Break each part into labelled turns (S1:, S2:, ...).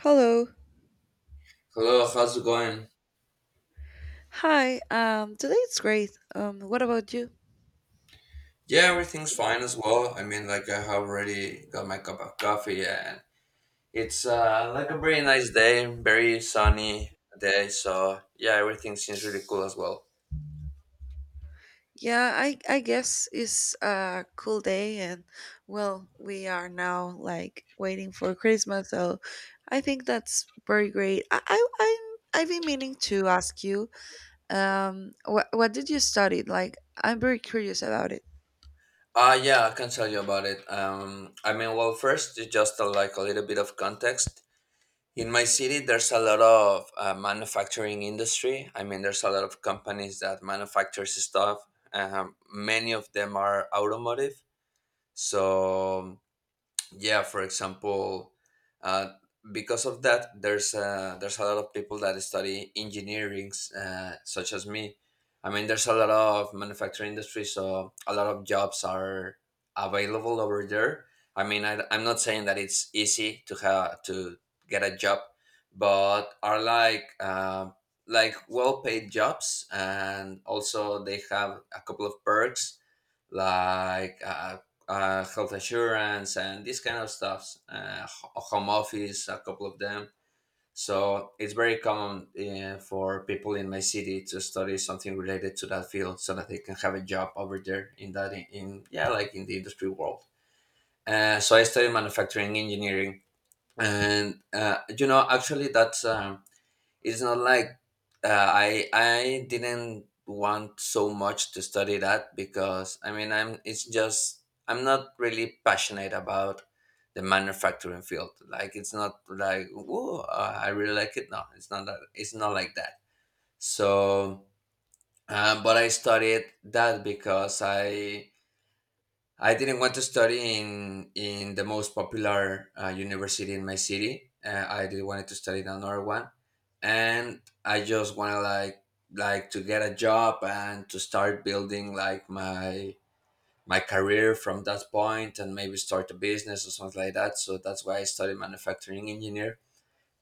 S1: Hello.
S2: Hello, how's it going?
S1: Hi. Today it's great. What about you?
S2: Yeah, everything's fine as well. I mean, like I have already got my cup of coffee, and it's like a very nice day, very sunny day. So yeah, everything seems really cool as well.
S1: Yeah, I guess it's a cool day and, well, we are now like waiting for Christmas, so I think that's very great. I've been meaning to ask you what did you study? Like, I'm very curious about it.
S2: Yeah, I can tell you about it. I mean, well, first it's just like a little bit of context. In my city, there's a lot of manufacturing industry. I mean, there's a lot of companies that manufactures stuff. Many of them are automotive. So yeah, for example, uh, because of that there's a lot of people that study engineerings such as me. I mean, there's a lot of manufacturing industry, so a lot of jobs are available over there. I mean, I'm not saying that it's easy to have to get a job, but are like well paid jobs, and also they have a couple of perks like health assurance and this kind of stuffs, home office, a couple of them. So it's very common for people in my city to study something related to that field so that they can have a job over there in in yeah like in the industry world. So I studied manufacturing engineering, and you know actually that's it's not like I didn't want so much to study that because I mean I'm it's just I'm not really passionate about the manufacturing field. Like it's not like whoa, I really like it. No, it's not that. It's not like that. So, but I studied that because I didn't want to study in the most popular university in my city. I did wanted to study in another one, and I just wanted like to get a job and to start building like my career from that point and maybe start a business or something like that. So that's why I studied manufacturing engineer.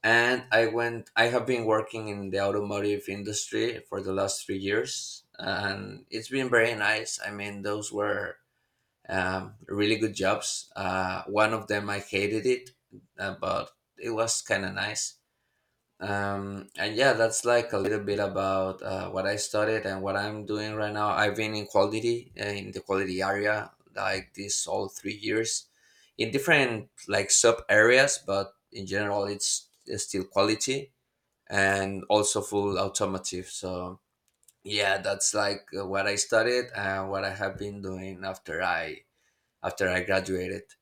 S2: And I went. I have been working in the automotive industry for the last 3 years, and it's been very nice. I mean, those were really good jobs. One of them I hated it, but it was kind of nice. And yeah, that's like a little bit about what I studied and what I'm doing right now. I've been in quality in the quality area like this all 3 years in different like sub areas, but in general, it's still quality and also full automotive. So yeah, that's like what I studied and what I have been doing after I graduated.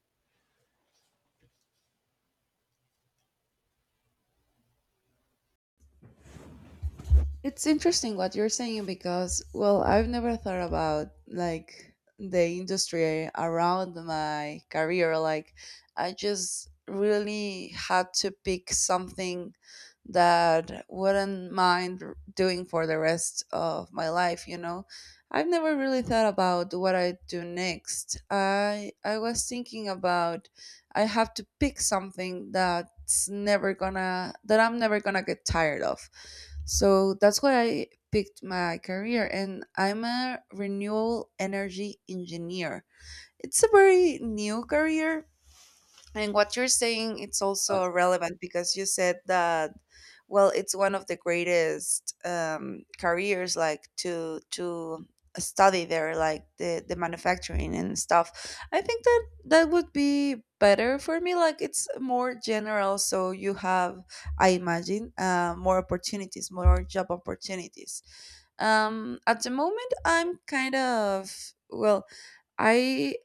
S1: It's interesting what you're saying because, well, I've never thought about like the industry around my career. Like, I just really had to pick something that wouldn't mind doing for the rest of my life, you know. I've never really thought about what I do next. I was thinking about, I have to pick something that I'm never gonna get tired of, so that's why I picked my career and I'm a renewable energy engineer. It's a very new career, and what you're saying, it's
S2: Uh,
S1: also relevant because you said that, well, it's one of the greatest careers, like to study there, like the manufacturing and stuff. I think that that would be better for me. Like, it's more general, so you have, I imagine, more opportunities, more job opportunities. At the moment, I'm kind of, well, I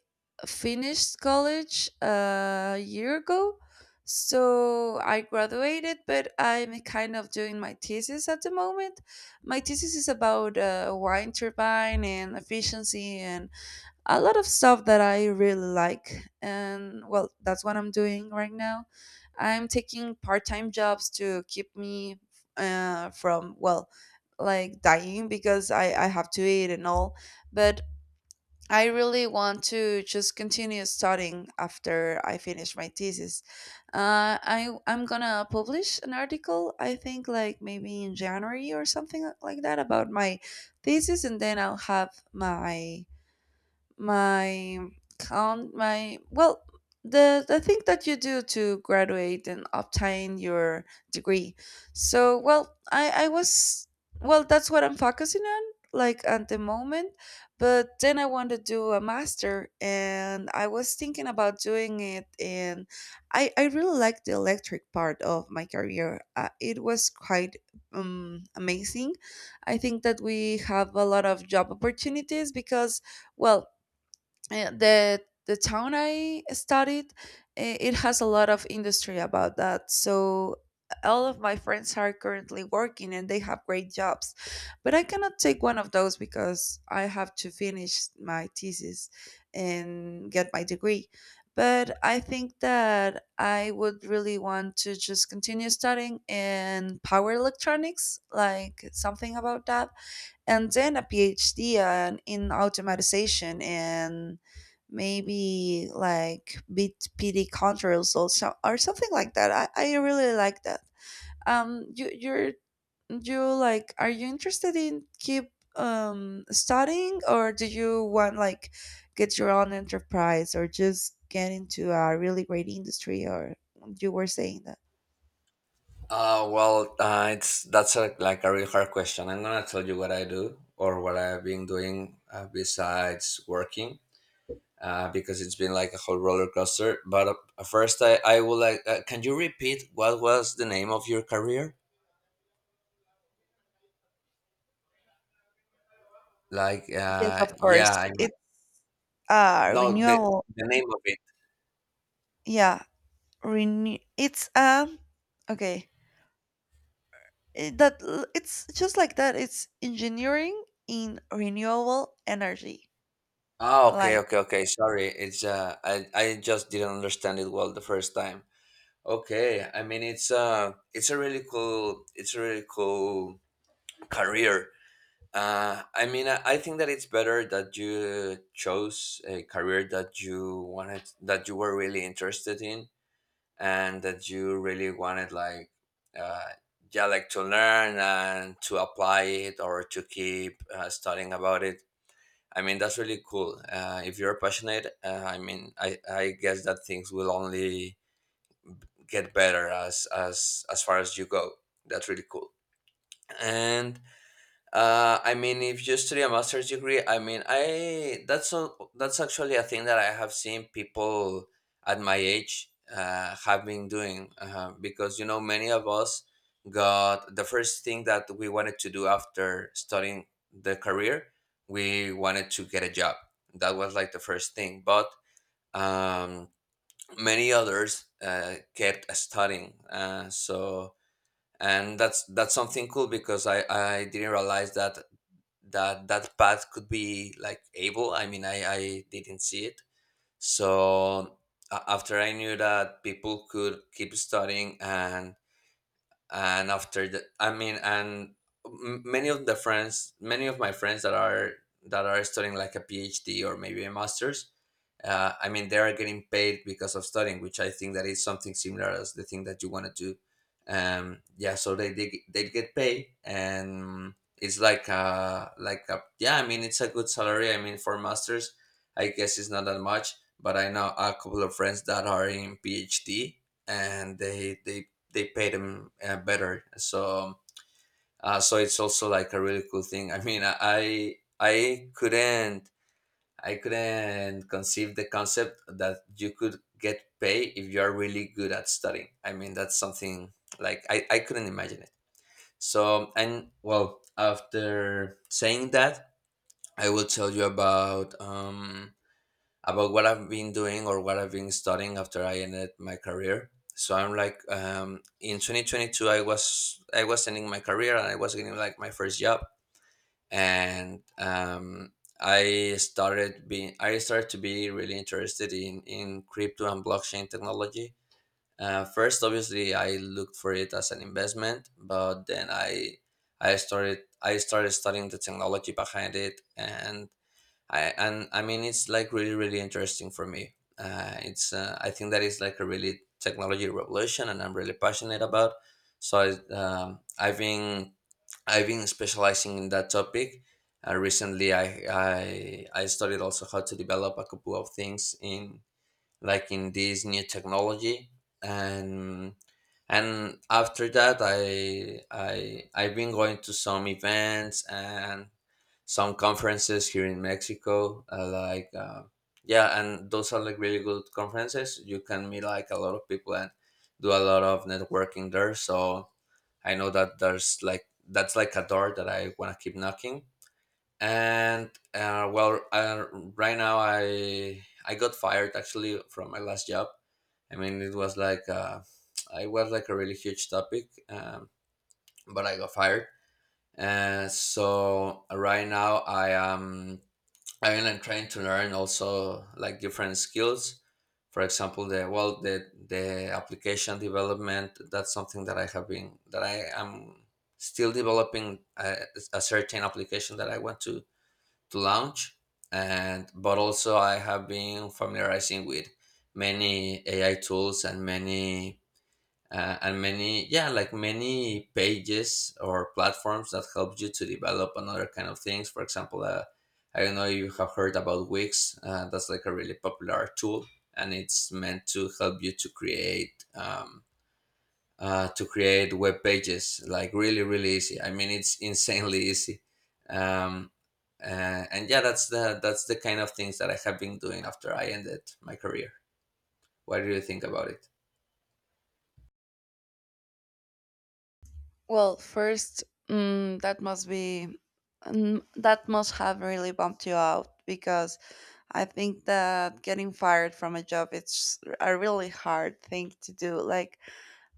S1: finished college a year ago, so I graduated, but I'm kind of doing my thesis at the moment. My thesis is about wind turbine and efficiency and a lot of stuff that I really like. And well, that's what I'm doing right now. I'm taking part time jobs to keep me from, well, like dying because I have to eat and all. But I really want to just continue studying after I finish my thesis. I I'm gonna publish an article. I think like maybe in January or something like that about my thesis, and then I'll have my my count my well the thing that you do to graduate and obtain your degree. So, well, I was, well, that's what I'm focusing on, like, at the moment, but then I want to do a master and I was thinking about doing it, and I really like the electric part of my career. It was quite amazing. I think that we have a lot of job opportunities because, well, the town I studied, it has a lot of industry about that. So all of my friends are currently working and they have great jobs, but I cannot take one of those because I have to finish my thesis and get my degree. But I think that I would really want to just continue studying in power electronics, like something about that, and then a PhD, and in automatization, and maybe like bit PD controls or so, or something like that. I really like that. You, you're you like Are you interested in keep studying, or do you want, like, get your own enterprise or just get into a really great industry, or you were saying that?
S2: well, it's like a real hard question. I'm gonna tell you what I do or what I've been doing besides working, because it's been like a whole roller coaster. But first, I would like. Can you repeat what was the name of your career? Like,
S1: Yes, of
S2: yeah,
S1: course,
S2: I mean,
S1: it's
S2: no,
S1: renewable.
S2: the name of it.
S1: Yeah, renew, it's okay. It's just like that, it's engineering in renewable energy.
S2: Ah, okay,
S1: Like,
S2: okay, okay. Sorry, it's I just didn't understand it well the first time. Okay, I mean it's a really cool it's a really cool career. I mean I think that it's better that you chose a career that you wanted, that you were really interested in, and that you really wanted like uh, yeah like to learn and to apply it or to keep studying about it. I mean that's really cool. If you're passionate, I mean I guess that things will only get better as as far as you go. That's really cool. And I mean if you study a master's degree, I mean I that's actually a thing that I have seen people at my age have been doing, because you know many of us got the first thing that we wanted to do after studying the career. We wanted to get a job. That was like the first thing. But um, many others kept studying. And that's something cool because I didn't realize that that path could be like able. I mean I didn't see it. So after I knew that people could keep studying, and after the I mean and many of the friends, many of my friends that are studying like a PhD or maybe a master's, I mean they are getting paid because of studying, which I think that is something similar as the thing that you want to do. Yeah, so they get paid, and it's like a yeah, I mean it's a good salary. I mean, for masters I guess it's not that much, but I know a couple of friends that are in phd, and they pay them better. So so it's also like a really cool thing. I mean I couldn't conceive the concept that you could get paid if you are really good at studying. I mean, that's something like I couldn't imagine it. So, and well, after saying that, I will tell you about what I've been doing or what I've been studying after I ended my career. So I'm like in 2022, I was ending my career and I was getting like my first job. And I started to be really interested in crypto and blockchain technology. First, obviously, I looked for it as an investment, but then I started studying the technology behind it, and I mean it's like really really interesting for me. It's I think that is like a really technology revolution, and I'm really passionate about. So I've been specializing in that topic. Recently, I studied also how to develop a couple of things in in this new technology. and and after that I've been going to some events and some conferences here in Mexico, yeah, and those are like really good conferences. You can meet like a lot of people and do a lot of networking there. So I know that there's like that's like a door that I want to keep knocking. And right now I got fired actually from my last job. I mean, it was like a really huge topic. But I got fired. And so right now I am trying to learn also like different skills. For example, the well the application development, that's something that I have been that I am still developing. A certain application that I want to launch. And but also I have been familiarizing with many AI tools and many, and many, yeah, like many pages or platforms that help you to develop another kind of things. For example, I don't know if you have heard about Wix. That's like a really popular tool, and it's meant to help you to create web pages like really really easy. I mean it's insanely easy. um, uh, and yeah, that's the kind of things that I have been doing after I ended my career. What do you think about it?
S1: well, first, that must be, that must have really bumped you out, because I think that getting fired from a job, it's a really hard thing to do. Like,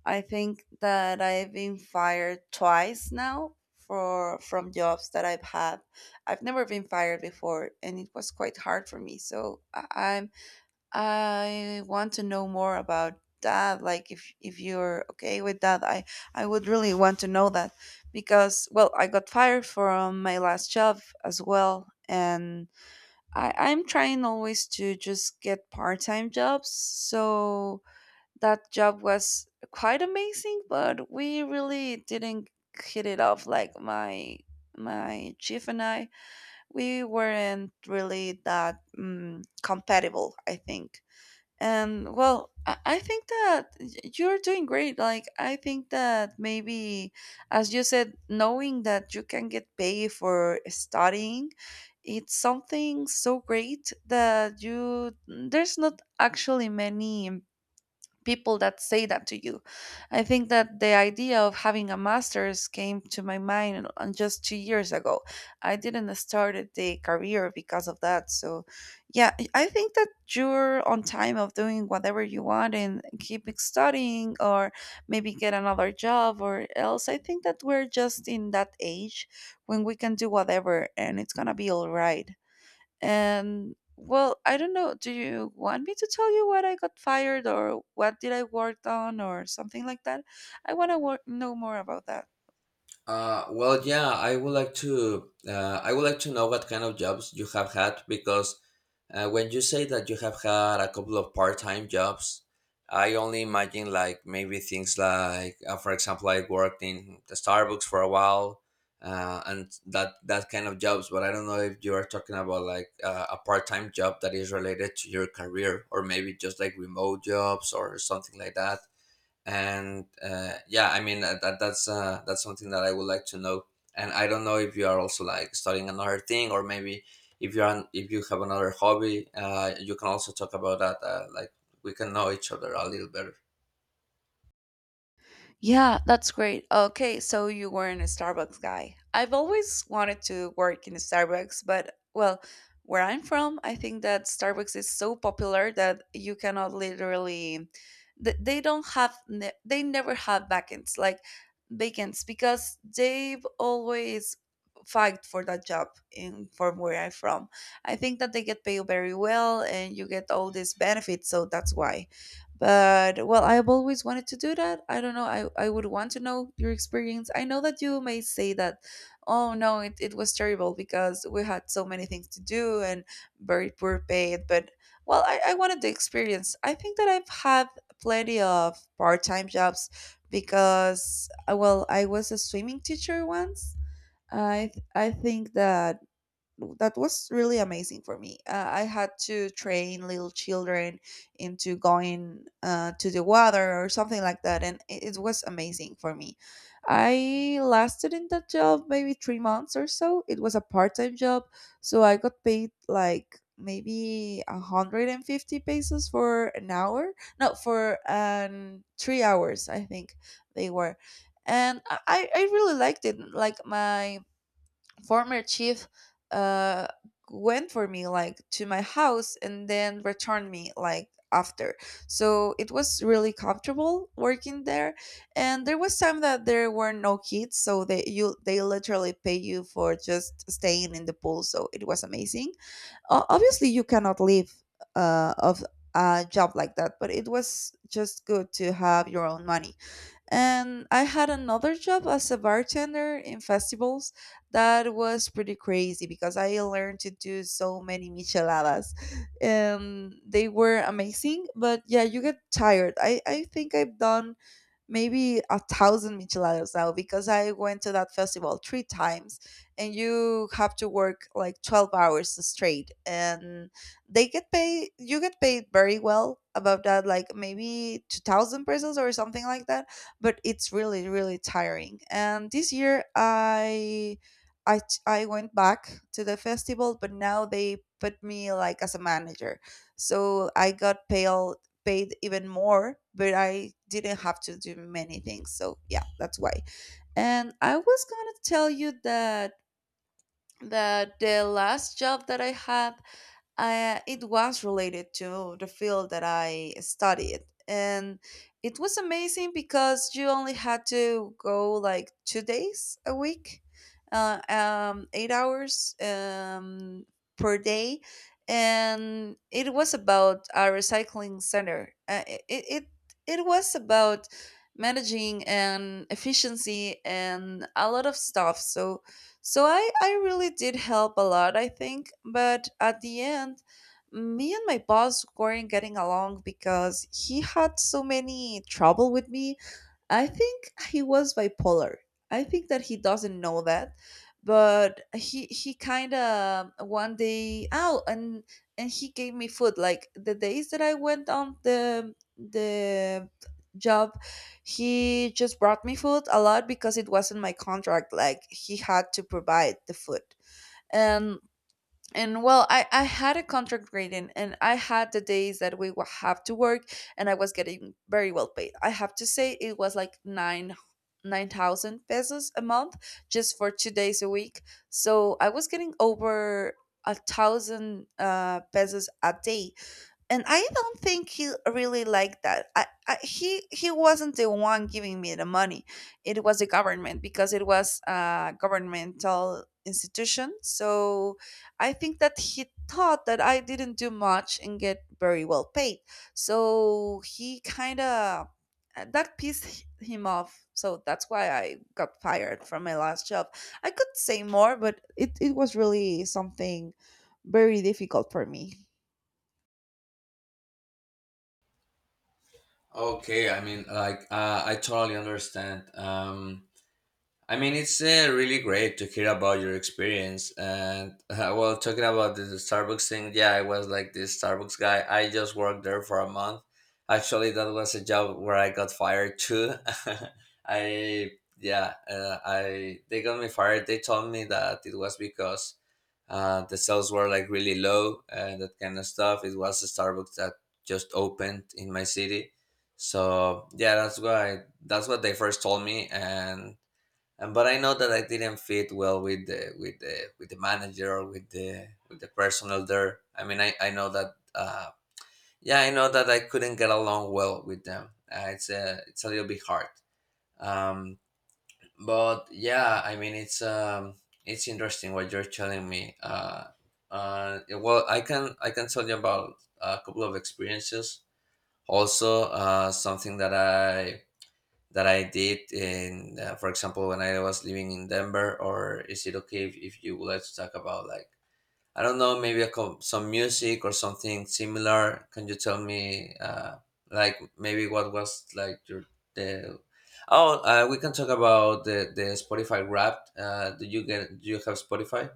S1: I think that I've been fired twice now for, from jobs that I've had. I've never been fired before and it was quite hard for me, so I'm, I want to know more about that. Like, if you're okay with that, I would really want to know that because, well, I got fired from my last job as well, and I'm trying always to just get part time jobs. So that job was quite amazing, but we really didn't hit it off, like, my chief and I, we weren't really that compatible, I think. And, well, I think that you're doing great. Like, I think that maybe, as you said, knowing that you can get paid for studying, it's something so great that, you, there's not actually many people that say that to you. I think that the idea of having a master's came to my mind on just 2 years ago. I didn't start the career because of that. So, yeah, I think that you're on time of doing whatever you want and keep studying or maybe get another job or else. I think that we're just in that age when we can do whatever and it's going to be all right. And, well, I don't know. Do you want me to tell you what I got fired or what did I work on or something like that? I want to work, know more about that.
S2: Well, yeah, I would like to. I would like to know what kind of jobs you have had, because when you say that you have had a couple of part-time jobs, I only imagine like maybe things like, for example, I worked in the Starbucks for a while, and that kind of jobs. But I don't know if you are talking about like a part-time job that is related to your career, or maybe just like remote jobs or something like that. And yeah, I mean, that's something that I would like to know. And I don't know if you are also like studying another thing, or maybe if if you have another hobby. You can also talk about that. Like we can know each other a little better.
S1: Yeah, that's great. Okay, so you weren't a Starbucks guy. I've always wanted to work in a Starbucks, but, well, where I'm from, I think that Starbucks is so popular that you cannot literally, they don't have, they never have vacants, like, vacants, because they've always fight for that job in from where I'm from. I think that they get paid very well and you get all these benefits, so that's why. But, well, I've always wanted to do that. I don't know. I would want to know your experience. I know that you may say that, oh no, it was terrible because we had so many things to do and very poor paid. But, well, I wanted the experience. I think that I've had plenty of part time jobs because, well, I was a swimming teacher once. I think that that was really amazing for me. I had to train little children into going to the water or something like that, and it was amazing for me. I lasted in that job maybe 3 months or so. It was a part-time job, so I got paid like maybe 150 pesos for an hour, no, for 3 hours, I think they were. And I I really liked it. Like, my former chief, uh, went for me, like, to my house and then returned me, like, after, so it was really comfortable working there. And there was time that there were no kids, so they, you, they literally pay you for just staying in the pool, so it was amazing. Obviously, you cannot live of a job like that, but it was just good to have your own money. And I had another job as a bartender in festivals. That was pretty crazy because I learned to do so many micheladas. And they were amazing, but yeah, you get tired. I think I've done maybe a thousand micheladas now because I went to that festival three times and you have to work like 12 hours straight, and they get paid you get paid very well about that, like maybe 2000 pesos or something like that, but it's really really tiring. And this year I went back to the festival, but now they put me like as a manager. So I got paid paid even more, but I didn't have to do many things. So yeah, that's why. And I was going to tell you that the last job that I had, it was related to the field that I studied. And it was amazing because you only had to go like 2 days a week, 8 hours per day. And it was about a recycling center. It was about managing and efficiency and a lot of stuff. So, so I really did help a lot, I think. But at the end, me and my boss weren't getting along because he had so many trouble with me. I think he was bipolar. I think that he doesn't know that, but he kind of one day out, and he gave me food. Like, the days that I went on the job, he just brought me food a lot because it wasn't my contract. Like, he had to provide the food, and and, well, I had a contract grading and I had the days that we would have to work. And I was getting very well paid, I have to say. It was like nine thousand pesos a month, just for 2 days a week. So I was getting over a thousand pesos a day. And I don't think he really liked that. He wasn't the one giving me the money; it was the government because it was a governmental institution. So I think that he thought that I didn't do much and get very well paid. So he kind of, that pissed him off. So that's why I got fired from my last job. I could say more, but it was really something very difficult for me.
S2: Okay, I mean like, I totally understand. I mean, it's really great to hear about your experience. And well, talking about the Starbucks thing, yeah, I was like this Starbucks guy. I just worked there for a month. Actually, that was a job where I got fired too. I yeah, I they got me fired. They told me that it was because the sales were like really low and that kind of stuff. It was a Starbucks that just opened in my city, so yeah, that's why that's what they first told me. And but I know that I didn't fit well with the manager or with the personnel there. I mean, I know that. Yeah, I know that I couldn't get along well with them. It's a little bit hard. Um, but yeah, I mean, it's interesting what you're telling me. Well, I can tell you about a couple of experiences. Also, something that I did in, for example, when I was living in Denver. Or is it okay if you would like to talk about, like, I don't know, maybe some music or something similar? Can you tell me, like, maybe what was like your the Oh, we can talk about the Spotify Wrapped. Do you get? Do you have Spotify?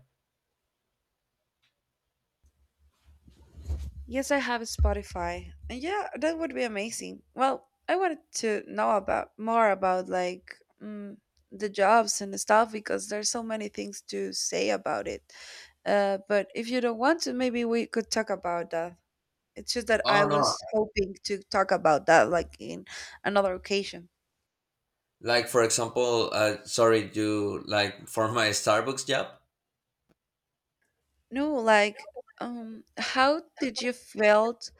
S1: Yes, I have Spotify. And yeah, that would be amazing. Well, I wanted to know about more about mm, the jobs and the stuff because there's so many things to say about it. But if you don't want to, maybe we could talk about that. It's just that I
S2: Oh no!
S1: was hoping to talk about that like in another occasion.
S2: Like for example, sorry, do like for my Starbucks job?
S1: No, like how did you felt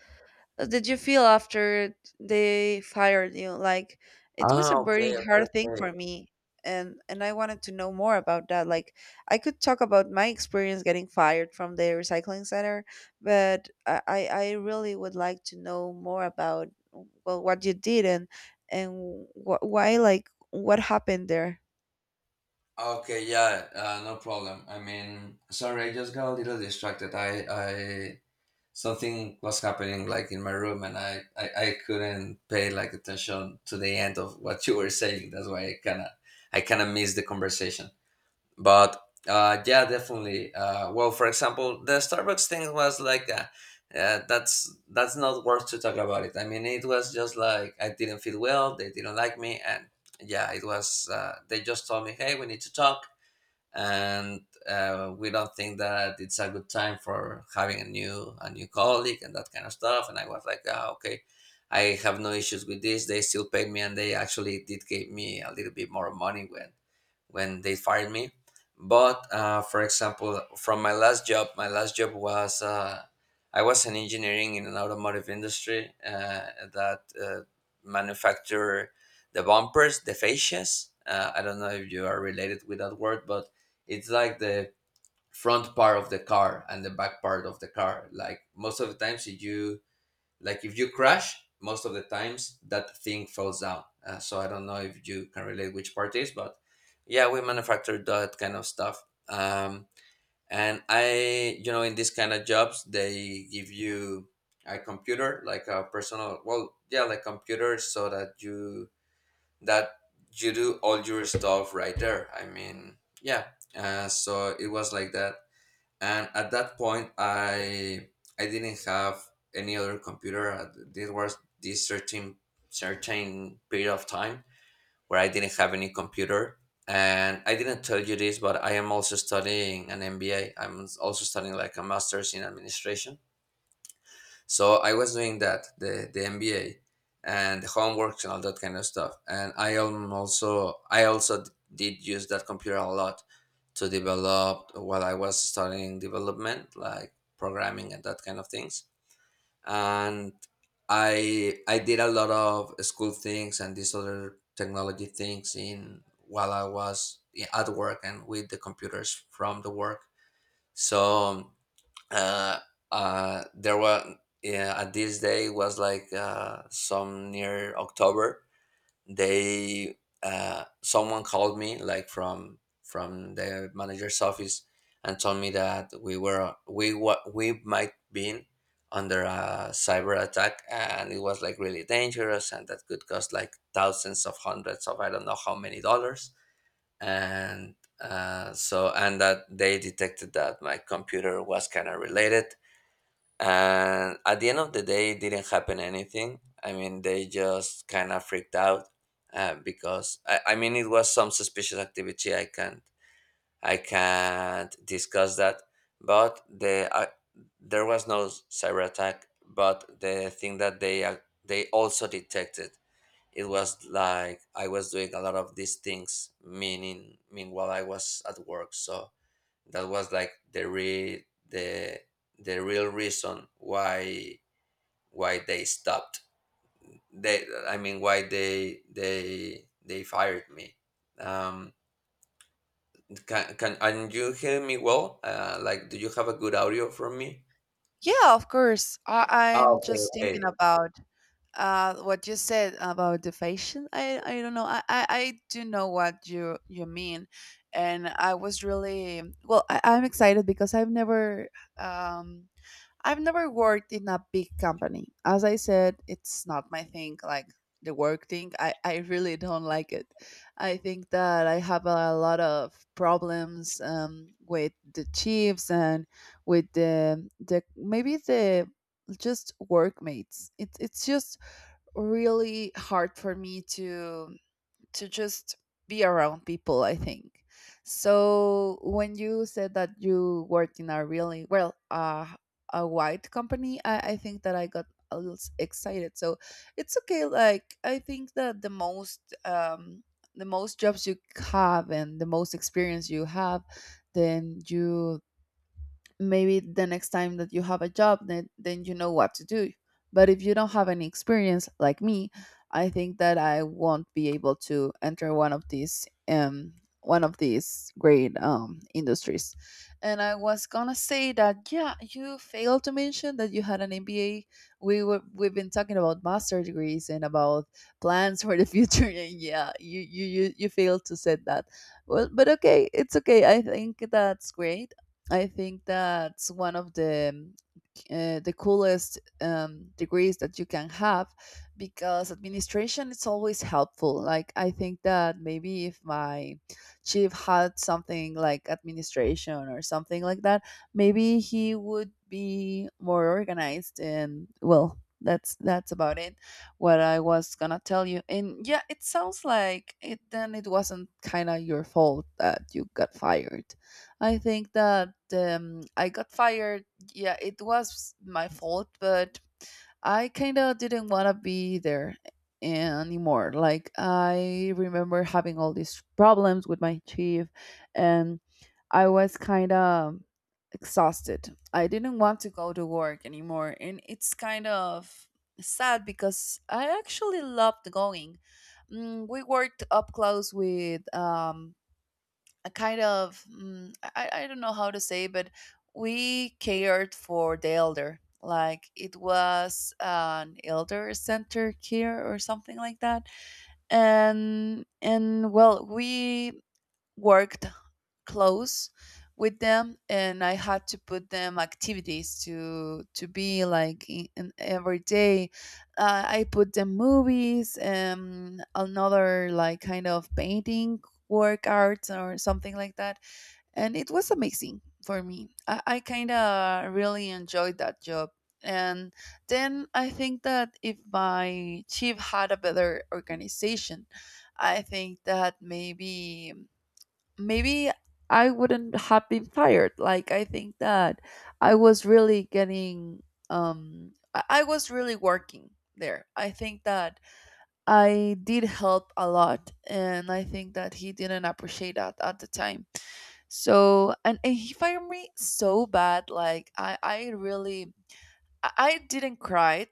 S1: did you feel after they fired you? Like it was
S2: Ah,
S1: a very
S2: okay, okay,
S1: hard thing
S2: okay.
S1: for me, and I wanted to know more about that. Like I could talk about my experience getting fired from the recycling center, but I really would like to know more about well what you did and and why, like what happened there.
S2: Okay, yeah, no problem. I mean, sorry, I just got a little distracted. Something was happening like in my room, and I couldn't pay like attention to the end of what you were saying. That's why I kind of missed the conversation. But yeah, definitely. Well, for example, the Starbucks thing was like, that's not worth to talk about it. I mean, it was just like I didn't feel well. They didn't like me, and yeah, it was. They just told me, hey, we need to talk and we don't think that it's a good time for having a new colleague and that kind of stuff, and I was like, ah, okay, I have no issues with this. They still paid me, and they actually did give me a little bit more money when they fired me. But for example, from my last job was I was an engineering in an automotive industry that manufacture the bumpers, the fascias. I don't know if you are related with that word, but it's like the front part of the car and the back part of the car. Like most of the times, if you crash, most of the times that thing falls down. Uh, so I don't know if you can relate which part is, but yeah, we manufacture that kind of stuff. um, and I, you know, in these kind of jobs they give you a computer, like a personal, well, yeah, like computer so that you do all your stuff right there. I mean, yeah, so it was like that. And at that point I didn't have any other computer. This was this certain period of time where I didn't have any computer, and I didn't tell you this, but I am also studying an MBA. I'm also studying like a master's in administration. So I was doing that, the MBA and the homeworks and all that kind of stuff. And I am also I also did use that computer a lot to develop while I was studying development, like programming and that kind of things. And I did a lot of school things and these other technology things in while I was at work and with the computers from the work. So um, uh, there were yeah, at this day was like some near October. They someone called me like from the manager's office and told me that we were, we what, we might been under a cyber attack, and it was like really dangerous and that could cost like thousands of hundreds of I don't know how many dollars. And so and that they detected that my computer was kind of related, and at the end of the day, it didn't happen anything. I mean, they just kind of freaked out. Uh, because I mean, it was some suspicious activity. I can't discuss that. But the there was no cyber attack. But the thing that they also detected, it was like I was doing a lot of these things, meaning meanwhile I was at work. So that was like the real reason why they stopped they I mean why they fired me. um can and you hear me well? Uh, like, do you have a good audio from me?
S1: Yeah, of course. I'm
S2: Oh, okay,
S1: just
S2: okay.
S1: thinking about what you said about the fashion. I don't know. I do know what you mean, and I was really well. I'm excited because um, I've never worked in a big company. As I said, it's not my thing, like the work thing. I really don't like it. I think that I have a lot of problems with the chiefs and with the maybe the just workmates. It's just really hard for me to just be around people, I think. So when you said that you worked in a really well a wide company, I think that I got a little excited. So it's okay. Like I think that the most jobs you have and the most experience you have, then you maybe the next time that you have a job, then you know what to do. But if you don't have any experience like me, I think that I won't be able to enter one of these great industries. And I was gonna say that, yeah, you failed to mention that you had an MBA. We've been talking about master degrees and about plans for the future and yeah, you failed to say that. Well, but okay, it's okay, I think that's great. I think that's one of the coolest degrees that you can have, because administration is always helpful. Like I think that maybe if my chief had something like administration or something like that, maybe he would be more organized. And well, that's about it. What I was gonna tell you, and yeah, it sounds like it then it wasn't kind of your fault that you got fired. I think that I got fired, yeah, it was my fault, but I kind of didn't want to be there anymore. Like, I remember having all these problems with my chief, and I was kind of exhausted. I didn't want to go to work anymore. And it's kind of sad because I actually loved going. Mm, we worked up close with a kind of I don't know how to say, but we cared for the elder. Like it was an elder center care or something like that. And well, we worked close with them, and I had to put them activities to be like in every day. I put them movies and another like kind of painting work arts or something like that. And it was amazing for me. I kind of really enjoyed that job. And then I think that if my chief had a better organization, I think that maybe maybe I wouldn't have been fired. Like I think that I was really getting I was really working there. I think that I did help a lot, and I think that he didn't appreciate that at the time. So, and he fired me so bad. Like I really, I didn't cry,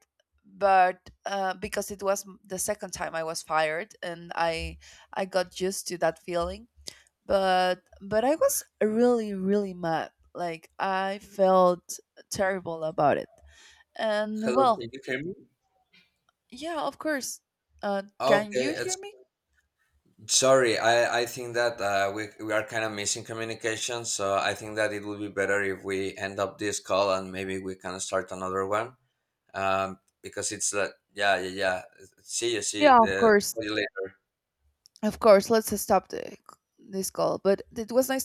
S1: but because it was the second time I was fired, and I got used to that feeling. But, but I was really, really mad. Like I felt terrible about it. And
S2: Hello,
S1: well,
S2: can you hear me?
S1: yeah, of course. Can
S2: Okay,
S1: you
S2: it's,
S1: hear me?
S2: sorry, I think that we are kind of missing communication, so I think that it would be better if we end up this call and maybe we can start another one. Because it's like, yeah, yeah, yeah. See you, see.
S1: Yeah, of
S2: See
S1: course.
S2: you later.
S1: Of course. Let's stop this call. But it was nice.